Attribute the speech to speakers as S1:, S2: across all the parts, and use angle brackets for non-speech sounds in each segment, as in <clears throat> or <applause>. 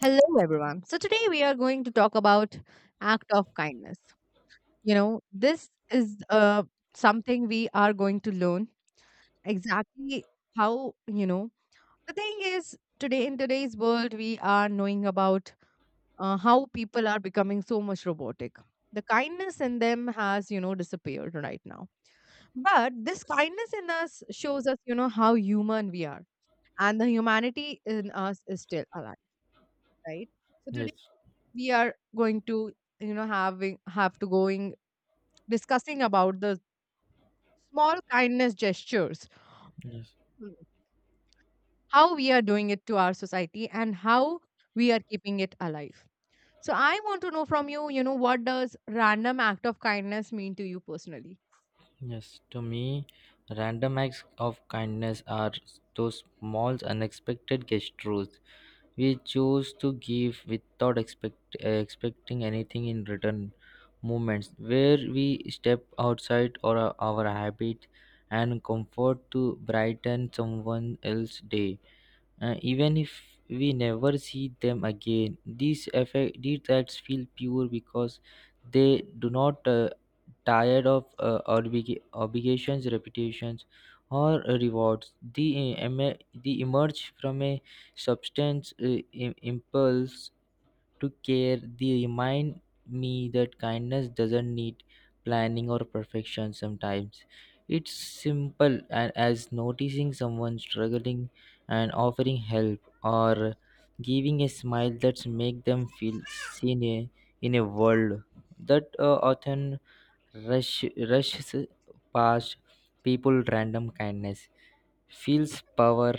S1: Hello, everyone. So, today we are going to talk about act of kindness. You know, this is something we are going to learn exactly how, you know, the thing is, today in today's world, we are knowing about how people are becoming so much robotic. The kindness in them has, you know, disappeared right now. But this kindness in us shows us, you know, how human we are. And the humanity in us is still alive, right? So
S2: Yes,
S1: we are going to you know having have to going discussing about the small kindness gestures.
S2: yes,
S1: Mm. How we are doing it to our society and how we are keeping it alive. So I want to know from you, you know, what does random act of kindness mean to you personally?
S2: yes. To me, random acts of kindness are those small, unexpected gestures we choose to give without expecting anything in return. Moments where we step outside or our habit and comfort to brighten someone else's day, even if we never see them again. These acts feel pure because they do not tired of obligations, reputations, or rewards. The emerge from a substance impulse to care. They remind me that kindness doesn't need planning or perfection sometimes. It's simple as noticing someone struggling and offering help, or giving a smile that make them feel seen in a world that often rush, rushes past people. Random kindness feels power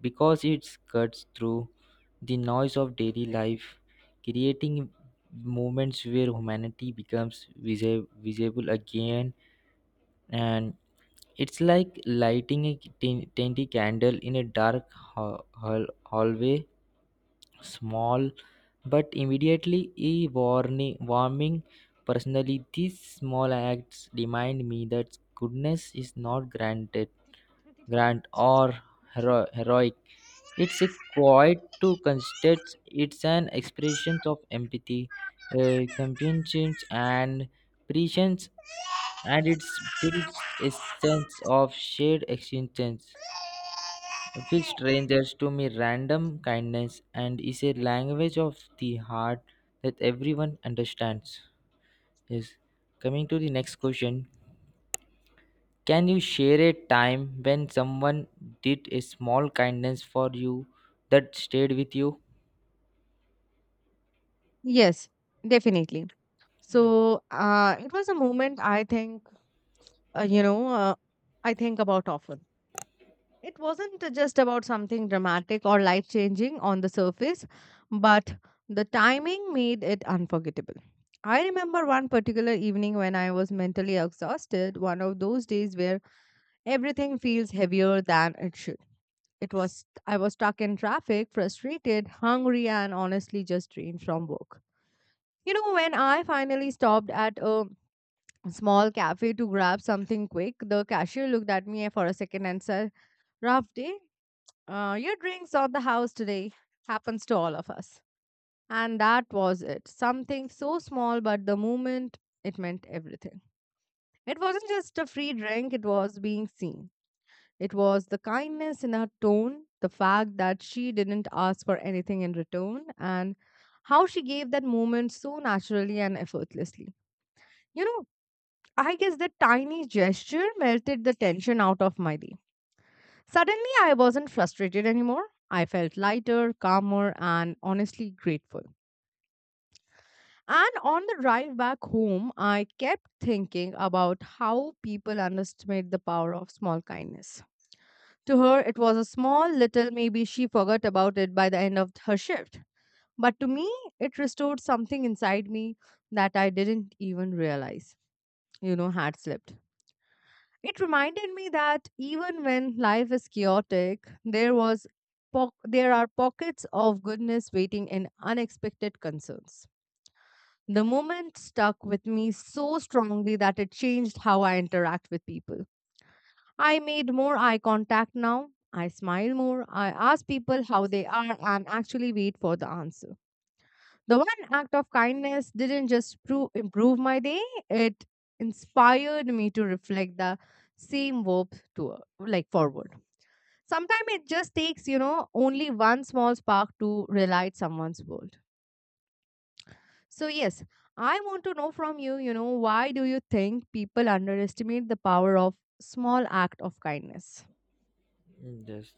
S2: because it cuts through the noise of daily life, creating moments where humanity becomes visible again. And it's like lighting a tiny candle in a dark hallway, small but immediately a warming. Personally, these small acts remind me that goodness is not granted, grand or heroic. It's a quiet to constate, it's an expression of empathy, companionship, and patience, and it builds a sense of shared existence with strangers. To me, random kindness and is a language of the heart that everyone understands. Yes. Coming to the next question. Can you share a time when someone did a small kindness for you that stayed with you?
S1: Yes, definitely. So it was a moment I think, uh, you know, uh, I think about often. It wasn't just about something dramatic or life changing on the surface, but the timing made it unforgettable. I remember one particular evening when I was mentally exhausted, one of those days where everything feels heavier than it should. It was I was stuck in traffic, frustrated, hungry and honestly just drained from work. You know, when I finally stopped at a small cafe to grab something quick, the cashier looked at me for a second and said, "Rough day? Your drinks on the house today. Happens to all of us." And that was it. Something so small, but the moment it meant everything. It wasn't just a free drink, it was being seen. It was the kindness in her tone, the fact that she didn't ask for anything in return, and how she gave that moment so naturally and effortlessly. You know, I guess that tiny gesture melted the tension out of my day. Suddenly, I wasn't frustrated anymore. I felt lighter, calmer, and honestly grateful. And on the drive back home, I kept thinking about how people underestimate the power of small kindness. To her, it was a small little, maybe she forgot about it by the end of her shift. But to me, it restored something inside me that I didn't even realize, you know, had slipped. It reminded me that even when life is chaotic, there was there are pockets of goodness waiting in unexpected concerns. The moment stuck with me so strongly that it changed how I interact with people. I made more eye contact now. I smile more. I ask people how they are and actually wait for the answer. The one act of kindness didn't just improve my day, it inspired me to reflect the same hope to like forward. Sometimes it just takes, you know, only one small spark to relight someone's world. So yes, I want to know from you, you know, why do you think people underestimate the power of small act of kindness?
S2: Just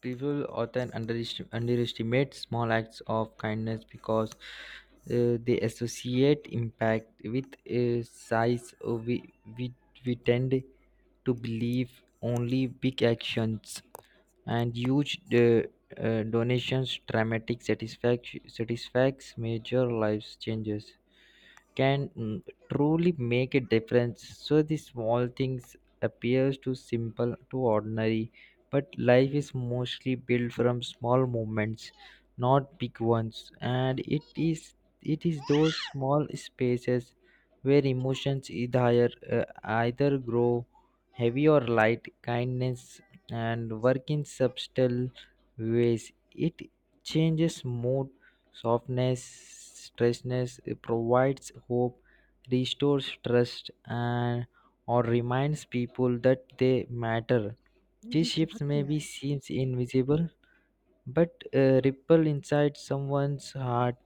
S2: people often underestimate small acts of kindness because they associate impact with size. We, we tend to believe only big actions and huge donations, dramatic satisfacts, major life changes can truly make a difference. So the small things appears too simple, too ordinary, but life is mostly built from small moments, not big ones. And it is those small spaces where emotions either grow heavy or light. Kindness and work in subtle ways. It changes mood, softness, stressness. It provides hope, restores trust, and or reminds people that they matter. These shifts may be seems invisible, but ripple inside someone's heart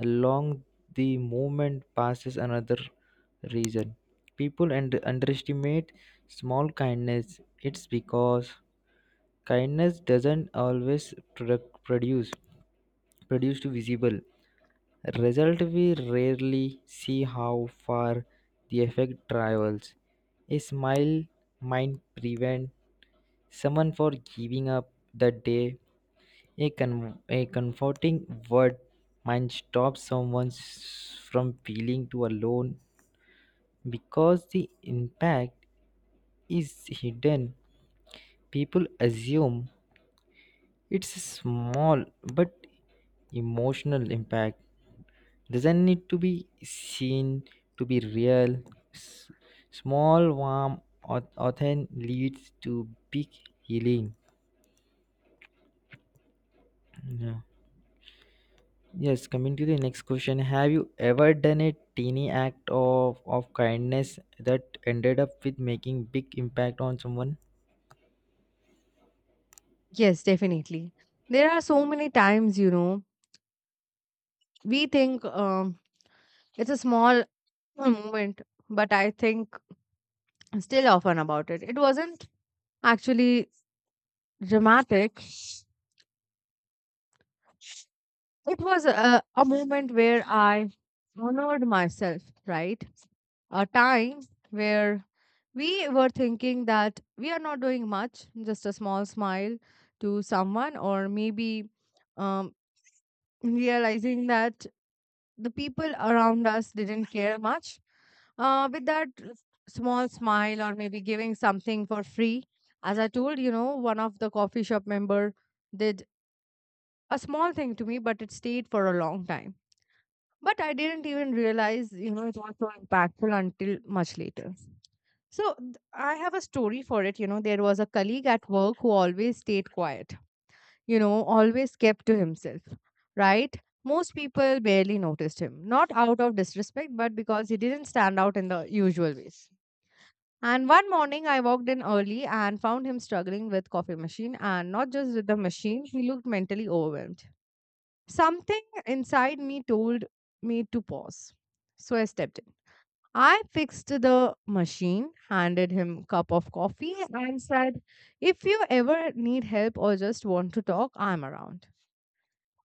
S2: along the moment passes. Another reason people and underestimate small kindness, it's because kindness doesn't always produce to visible result. We rarely see how far the effect travels. A smile might prevent someone from giving up the day. A comforting word might stop someone from feeling too alone, because the impact is hidden. People assume it's small, but emotional impact doesn't need to be seen to be real. S- Small, warm, often leads to big healing. Yeah. Yes, coming to the next question. Have you ever done a teeny act of kindness that ended up with making big impact on someone?
S1: Yes, definitely. There are so many times, you know, we think it's a small <clears throat> moment, but I think still often about it. It wasn't actually dramatic. It was a moment where I honored myself, right? A time where we were thinking that we are not doing much, just a small smile to someone, or maybe um, realizing that the people around us didn't care much. With that small smile, or maybe giving something for free. As I told, you know, one of the coffee shop member, they a small thing to me, but it stayed for a long time. But I didn't even realize, you know, it was so impactful until much later. So I have a story for it. You know, there was a colleague at work who always stayed quiet, you know, always kept to himself, right? Most people barely noticed him, not out of disrespect, but because he didn't stand out in the usual ways. And one morning I walked in early and found him struggling with coffee machine, and not just with the machine, he looked mentally overwhelmed. Something inside me told me to pause. So I stepped in. I fixed the machine, handed him a cup of coffee, and said, "If you ever need help or just want to talk, I'm around."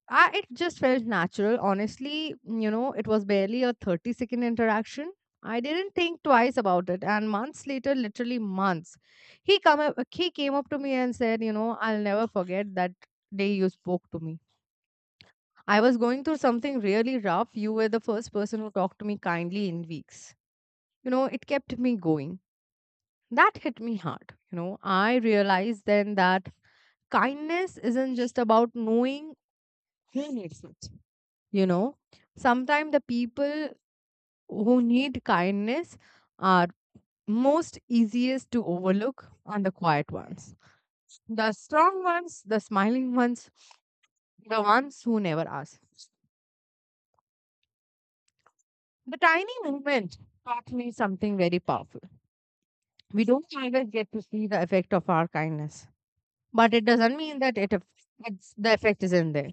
S1: I, it just felt natural. Honestly, you know, it was barely a 30-second interaction. I didn't think twice about it. And months later, literally months, he came up to me and said, "You know, I'll never forget that day you spoke to me. I was going through something really rough. You were the first person who talked to me kindly in weeks. You know, it kept me going." That hit me hard. You know, I realized then that kindness isn't just about knowing who needs it. You know, sometimes the people who need kindness are most easiest to overlook, and the quiet ones. The strong ones, the smiling ones, the ones who never ask. The tiny movement taught me something very powerful. We don't always get to see the effect of our kindness, but it doesn't mean that the effect isn't there.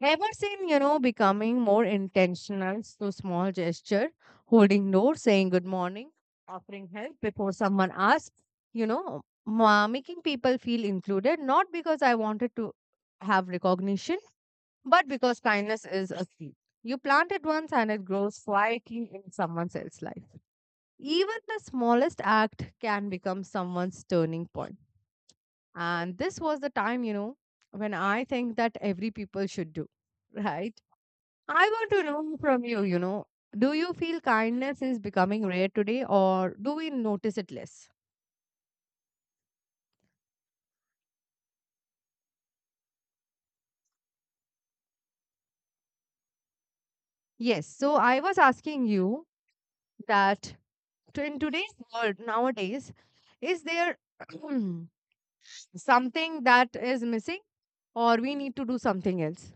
S1: Ever seen, you know, becoming more intentional, so small gesture, holding door, saying good morning, offering help before someone asks, you know, making people feel included, not because I wanted to have recognition, but because kindness is a seed. You plant it once and it grows quietly in someone else's life. Even the smallest act can become someone's turning point. And this was the time, you know, when I think that every people should do, <laughs> right? I want to know from you, you know, do you feel kindness is becoming rare today or do we notice it less? Yes. So I was asking you that in today's world nowadays, is there <clears throat> something that is missing or we need to do something else?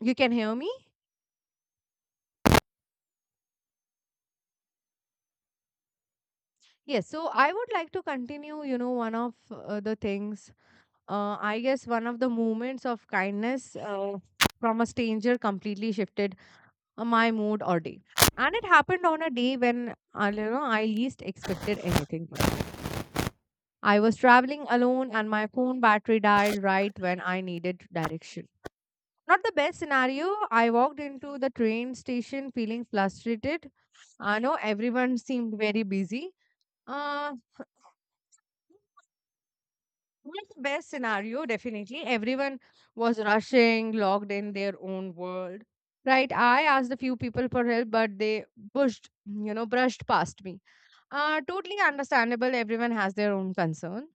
S1: You can hear me? Yes, so I would like to continue, you know, one of the things, I guess one of the moments of kindness from a stranger completely shifted my mood or day. And it happened on a day when you know, I least expected anything. Good. I was traveling alone and my phone battery died right when I needed direction. Not the best scenario. I walked into the train station feeling frustrated. I know everyone seemed very busy. Uh, That's the best scenario, definitely. Everyone was rushing, logged in their own world. Right. I asked a few people for help, but they you know, brushed past me. Totally understandable. Everyone has their own concern.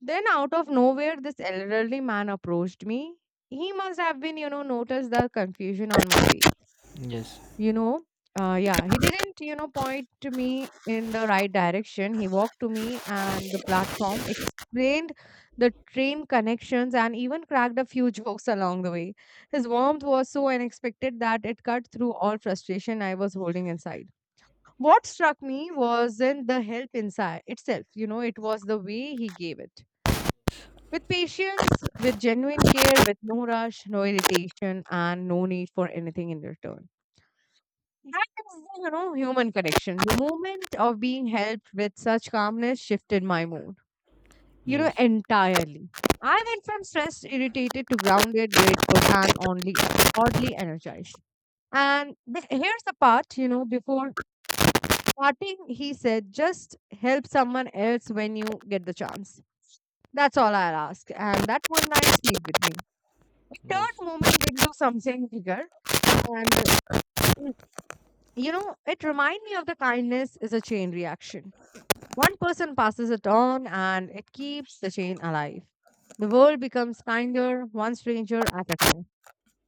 S1: Then, out of nowhere, this elderly man approached me. He must have been, you know, noticed the confusion on my face.
S2: Yes,
S1: You know, yeah, he didn't, you know, point to me in the right direction, he walked to me and the platform, explained the train connections and even cracked a few <laughs> jokes along the way. His warmth was so unexpected that it cut through all frustration I was holding inside. What struck me wasn't the help inside itself, you know, it was the way he gave it, with patience, with genuine care, with no rush, no irritation and no need for anything in return. That is, you know, human connection. The moment of being helped with such calmness shifted my mood, you know,
S2: yes,
S1: entirely. I went from stressed, irritated to grounded, grateful, and only oddly energized. And here's the part, you know, before parting, he said, "Just help someone else when you get the chance. That's all I'll ask." And that one line stayed with me. It
S2: yes.
S1: turned moment into something bigger. And, <clears throat> you know, it reminded me of the kindness is a chain reaction. One person passes it on and it keeps the chain alive. The world becomes kinder, one stranger at a time.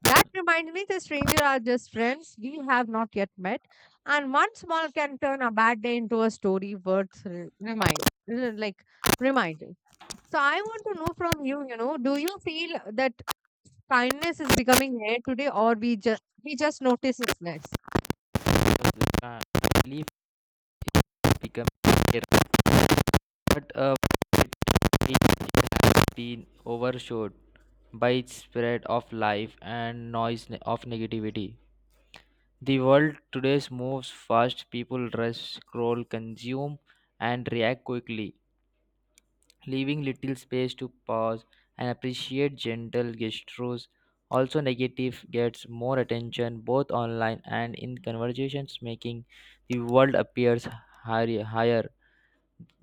S1: That reminds me the stranger are just friends we have not yet met, and one small can turn a bad day into a story worth reminding. So I want to know from you, you know, do you feel that kindness is becoming rare today or we just notice it's less?
S2: Because, I believe become, but it- been overshadowed by its spread of life and noise of negativity. The world today moves fast, people rush, scroll, consume, and react quickly, leaving little space to pause and appreciate gentle gestures. Also, negative gets more attention both online and in conversations, making the world appears higher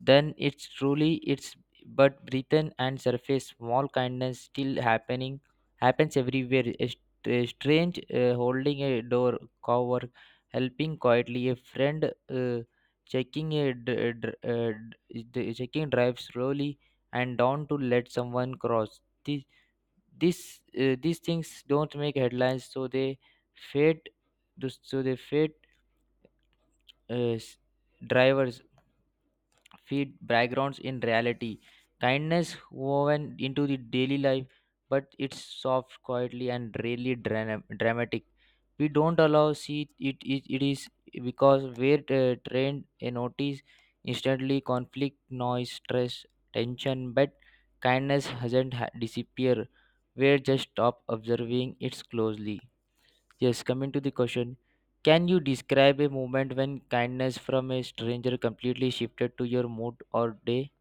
S2: then it's truly it's, but breathe and surface. Small kindness still happening happens everywhere. A strange holding a door cover, helping quietly a friend, uh, checking a d- dr- d- d- checking drive slowly and down to let someone cross. This these uh, these things don't make headlines, so they fade fade, uh, s- drivers feed backgrounds in reality. Kindness woven into the daily life, but it's soft, quietly, and rarely dramatic. We don't allow see it is because we're trained a notice instantly conflict, noise, stress, tension, but kindness hasn't disappeared. We're just stop observing it closely. Yes, coming to the question, can you describe a moment when kindness from a stranger completely shifted to your mood or day?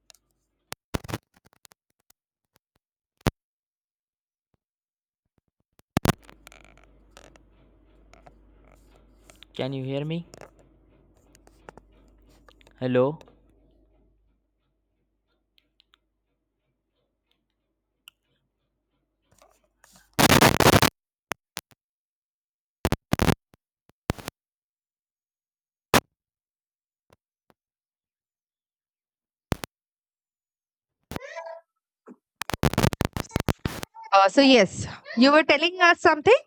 S2: Can you hear me? Hello.
S1: So yes, you were telling us something?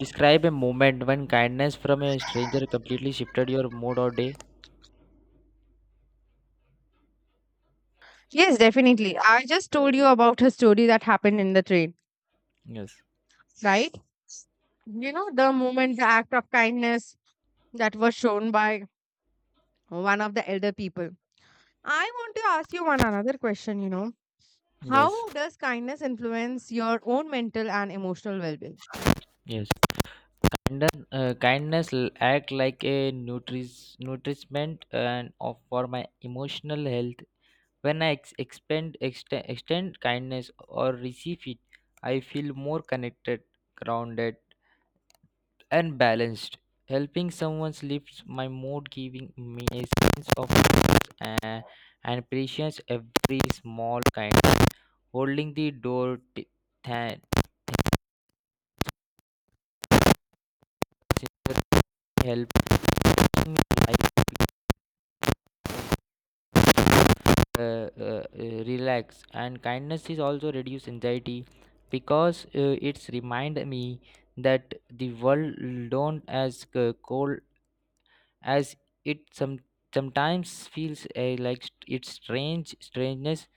S2: Describe a moment when kindness from a stranger completely shifted your mood or day.
S1: Yes, definitely. I just told you about her story that happened in the train,
S2: Yes.
S1: right? You know, the moment, the act of kindness that was shown by one of the elder people. I want to ask you one another question, you know.
S2: Yes.
S1: How does kindness influence your own mental and emotional well being?
S2: Yes. And then kindness act like a nourishment and of for my emotional health. When I extend kindness or receive it, I feel more connected, grounded and balanced. Helping someone lifts my mood, giving me a sense of uh, and appreciates every small kind. Holding the door than helping me like, relax, and kindness is also reduce anxiety because it's remind me that the world don't as cold as it some sometimes feels it's strange strangeness.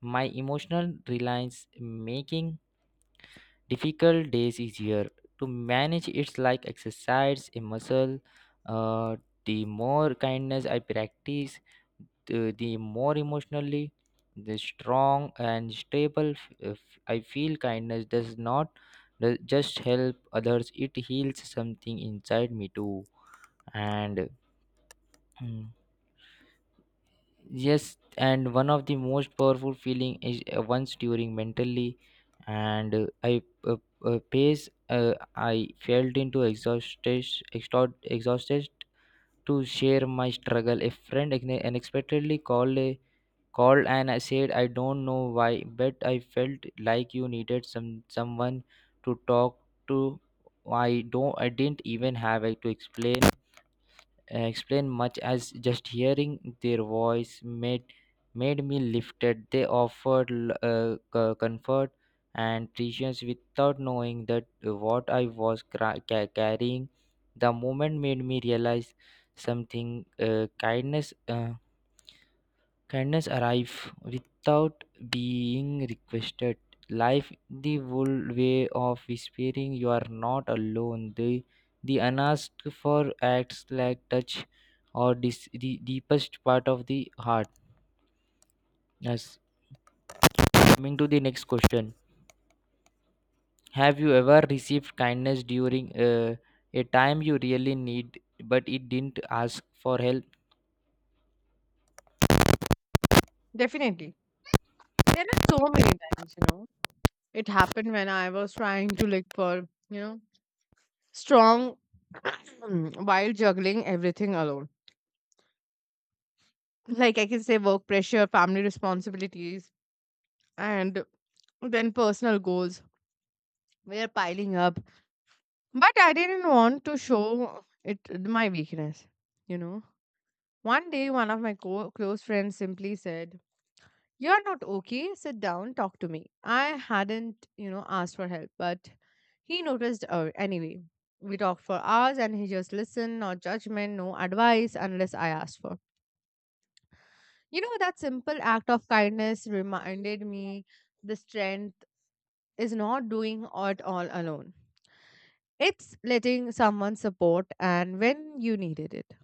S2: My emotional reliance making difficult days easier to manage. It's like exercise a muscle, uh, the more kindness I practice, the more emotionally the strong and stable I feel. Kindness does not does just help others, it heals something inside me too. And mm, yes, and one of the most powerful feeling is once during mentally, and I felt into exhausted to share my struggle. A friend unexpectedly called and I said I don't know why, but I felt like you needed someone to talk to. I didn't even have to explain much as just hearing their voice made me lifted. They offered comfort and patience without knowing that what I was carrying. The moment made me realize something, kindness arrive without being requested. Life the old way of whispering you are not alone. The unasked for acts like touch or this, the deepest part of the heart. Yes. Coming to the next question. Have you ever received kindness during a time you really need but it didn't ask for help?
S1: Definitely. There are so many times, you know. It happened when I was trying to look for, you know, strong <clears throat> while juggling everything alone. Like I can say work pressure, family responsibilities, and then personal goals were piling up. But I didn't want to show it my weakness, you know. One day, one of my close friends simply said, "You're not okay. Sit down, talk to me." I hadn't, you know, asked for help, but he noticed anyway. We talked for hours, and he just listened, no judgment, no advice unless I asked for. You know, that simple act of kindness reminded me the strength is not doing it all alone. It's letting someone support and when you needed it.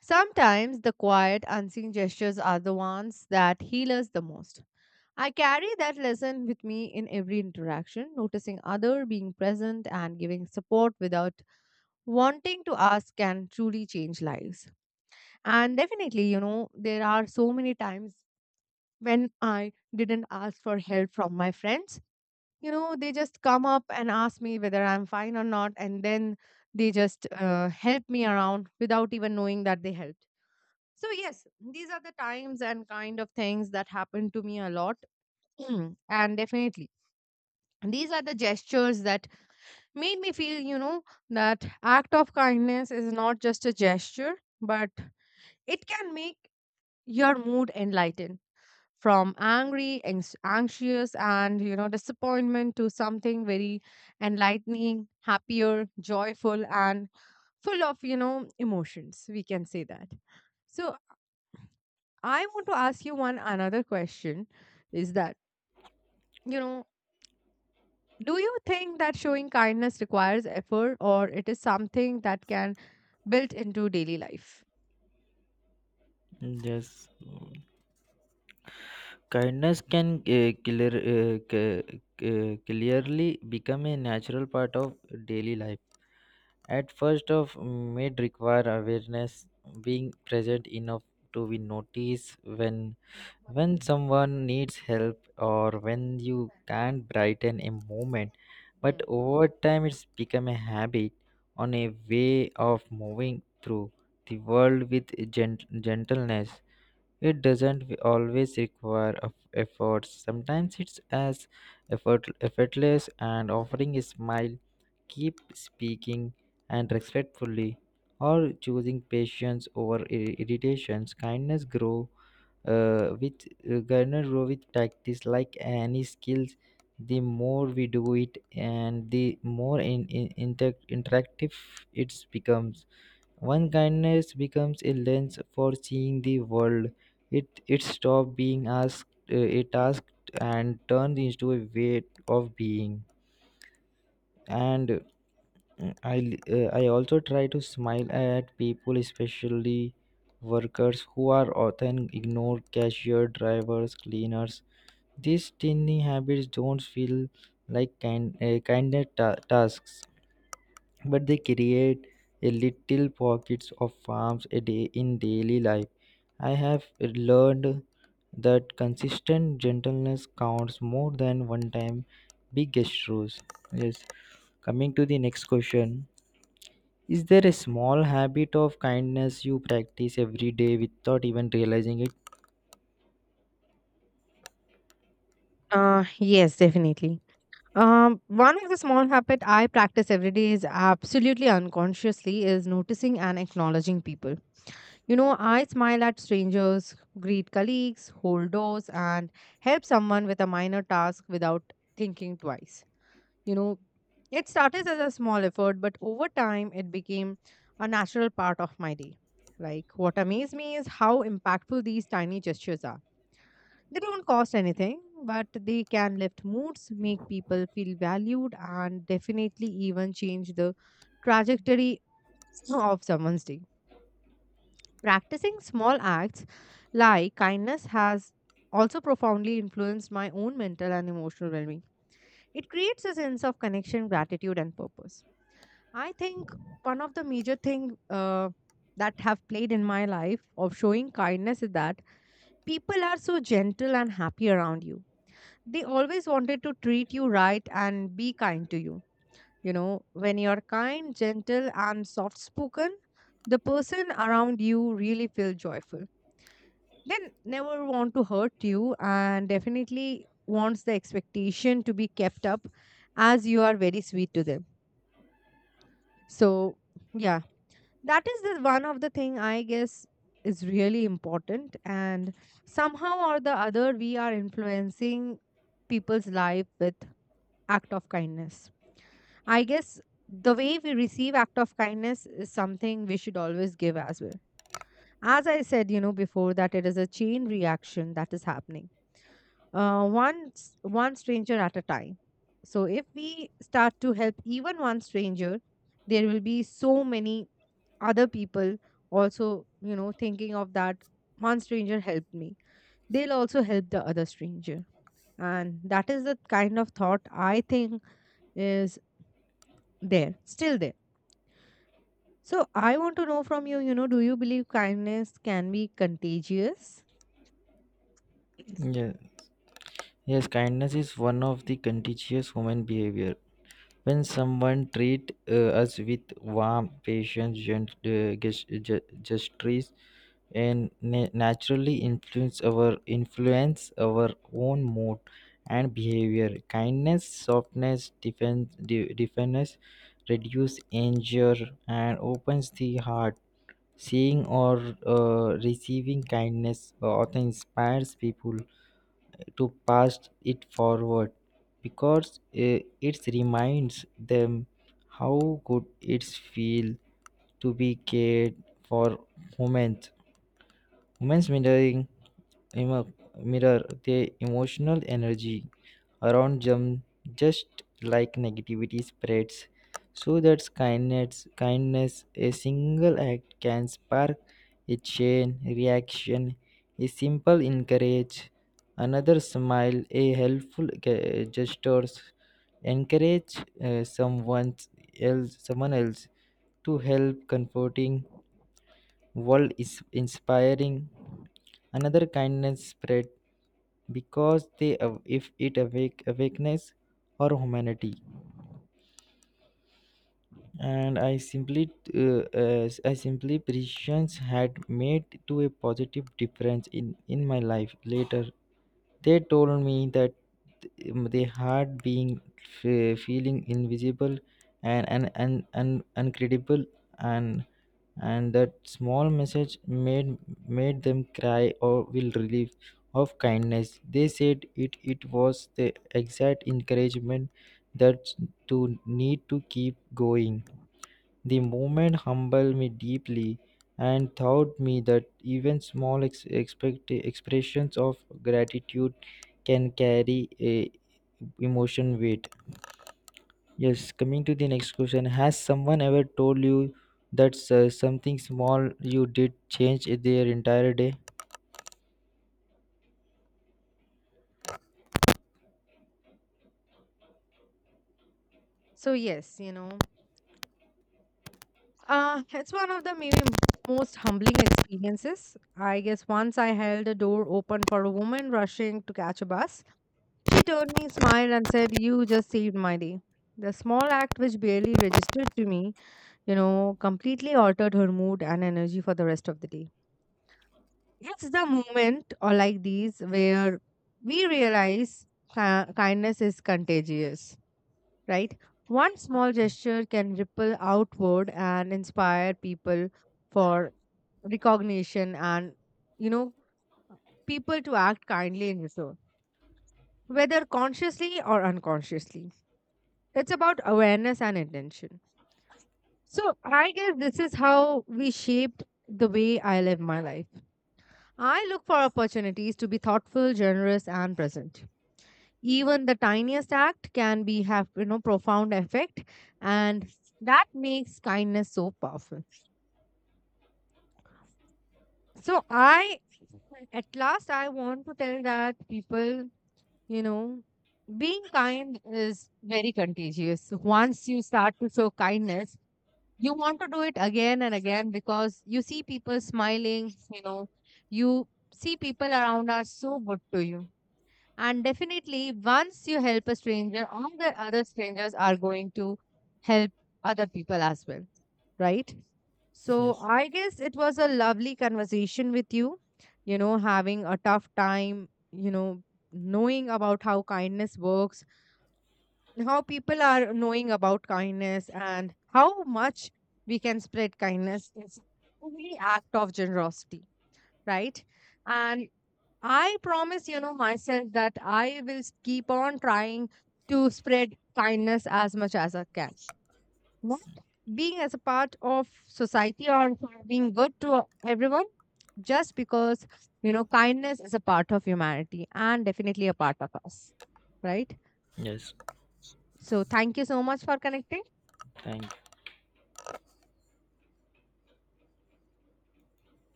S1: Sometimes the quiet, unseen gestures are the ones that heal us the most. I carry that lesson with me in every interaction, noticing other, being present, and giving support without wanting to ask can truly change lives. And definitely, you know, there are so many times when I didn't ask for help from my friends. You know, they just come up and ask me whether I'm fine or not, and then they just help me around without even knowing that they helped. So yes, these are the times and kind of things that happened to me a lot. <clears throat> And definitely, these are the gestures that made me feel, you know, that act of kindness is not just a gesture, but it can make your mood enlightened from angry, anxious, and you know, disappointment to something very enlightening, happier, joyful, and full of, you know, emotions, we can say that. So I want to ask you one another question, is that, you know, do you think that showing kindness requires effort, or it is something that can built into daily life?
S2: Yes, kindness can clearly become a natural part of daily life. At first, of may require awareness, being present enough to be noticed when someone needs help or when you can't brighten a moment. But
S1: Hmm.
S2: over time, it's become a habit, on a way of moving through the world with gentleness. It doesn't always require of effort. Sometimes it's as effortless and offering a smile, keep speaking and respectfully, or choosing patience over irritations. Kindness grow with practice, like any skills. The more we do it, and the more interactive it becomes. One kindness becomes a lens for seeing the world, it stops being asked, a task and turns into a way of being. And I also try to smile at people, especially workers who are often ignored, cashier, drivers, cleaners. These tiny habits don't feel like kinder tasks, but they create a little pockets of farms a day in daily life. I have learned that consistent gentleness counts more than one time big gestures. Yes. Coming to the next question. Is there a small habit of kindness you practice every day without even realizing it?
S1: Yes, definitely. One of the small habit I practice every day is absolutely unconsciously is noticing and acknowledging people. You know, I smile at strangers, greet colleagues, hold doors, and help someone with a minor task without thinking twice. You know, it started as a small effort, but over time it became a natural part of my day. Like what amazed me is how impactful these tiny gestures are. They don't cost anything, but they can lift moods, make people feel valued, and definitely even change the trajectory <sniffs> of someone's day. Practicing small acts like kindness has also profoundly influenced my own mental and emotional well being. It creates a sense of connection, gratitude, and purpose. I think one of the major things that have played in my life of showing kindness is that people are so gentle and happy around you. They always wanted to treat you right and be kind to you. You know, when you're kind, gentle, and soft spoken, the person around you really feel joyful. They never want to hurt you, and definitely wants the expectation to be kept up as you are very sweet to them. So, yeah, that is the one of the thing I guess is really important, and somehow or the other we are influencing people's life with act of kindness. I guess the way we receive act of kindness is something we should always give as well. As I said, you know, before that it is a chain reaction that is happening. One one stranger at a time. So if we start to help even one stranger, there will be so many other people also, you know, thinking of that one stranger helped me. They'll also help the other stranger. And that is the kind of thought I think is there, still there. So I want to know from you, you know, do you believe kindness can be contagious?
S2: Yeah. Yes, kindness is one of the contagious human behavior. When someone treats us with warmth, patience, gestures, and naturally influence our own mood and behavior. Kindness, softness, defense reduce anger and opens the heart. Seeing or receiving kindness often inspires people to pass it forward, because it reminds them how good it feels to be cared for. Humans, women's mirroring emo- mirror their emotional energy around them, just like negativity spreads. So that's kindness, a single act can spark a chain reaction. A simple encourage, another smile, a helpful gestures encourage uh, someone someone else to help comforting world, is inspiring another kindness spread because they if it awake awakeness or humanity. And I simply precisions had made to a positive difference in my life. Later they told me that they had been feeling invisible and and uncredible, and and that small message made them cry or will relief of kindness. They said it, it was the exact encouragement that to need to keep going. The moment humbled me deeply and taught me that even small expressions of gratitude can carry a emotion weight. Yes, coming to the next question, has someone ever told you that something small you did changed their entire day?
S1: So yes, you know, it's one of the maybe most humbling experiences. I guess once I held a door open for a woman rushing to catch a bus. She turned me, smiled, and said, "You just saved my day." The small act, which barely registered to me, you know, completely altered her mood and energy for the rest of the day. It's the moment or like these where we realize kindness is contagious, right? One small gesture can ripple outward and inspire people for recognition and, you know, people to act kindly in return, whether consciously or unconsciously. It's about awareness and intention. So I guess this is how we shaped the way I live my life. I look for opportunities to be thoughtful, generous, and present. Even the tiniest act can be have, you know, profound effect, and that makes kindness so powerful. So I, at last, I want to tell that people, you know, being kind is very contagious. Once you start to show kindness, you want to do it again and again because you see people smiling. You know, you see people around are so good to you. And definitely, once you help a stranger, all the other strangers are going to help other people as well, right? So,
S2: Yes.
S1: I guess it was a lovely conversation with you, you know, having a tough time, you know, knowing about how kindness works, how people are knowing about kindness, and how much we can spread kindness. It's every act of generosity, right? And I promise, you know, myself that I will keep on trying to spread kindness as much as I can. Not being as a part of society or being good to everyone, just because, you know, kindness is a part of humanity and definitely a part of us. Right?
S2: Yes.
S1: So, thank you so much for connecting.
S2: Thank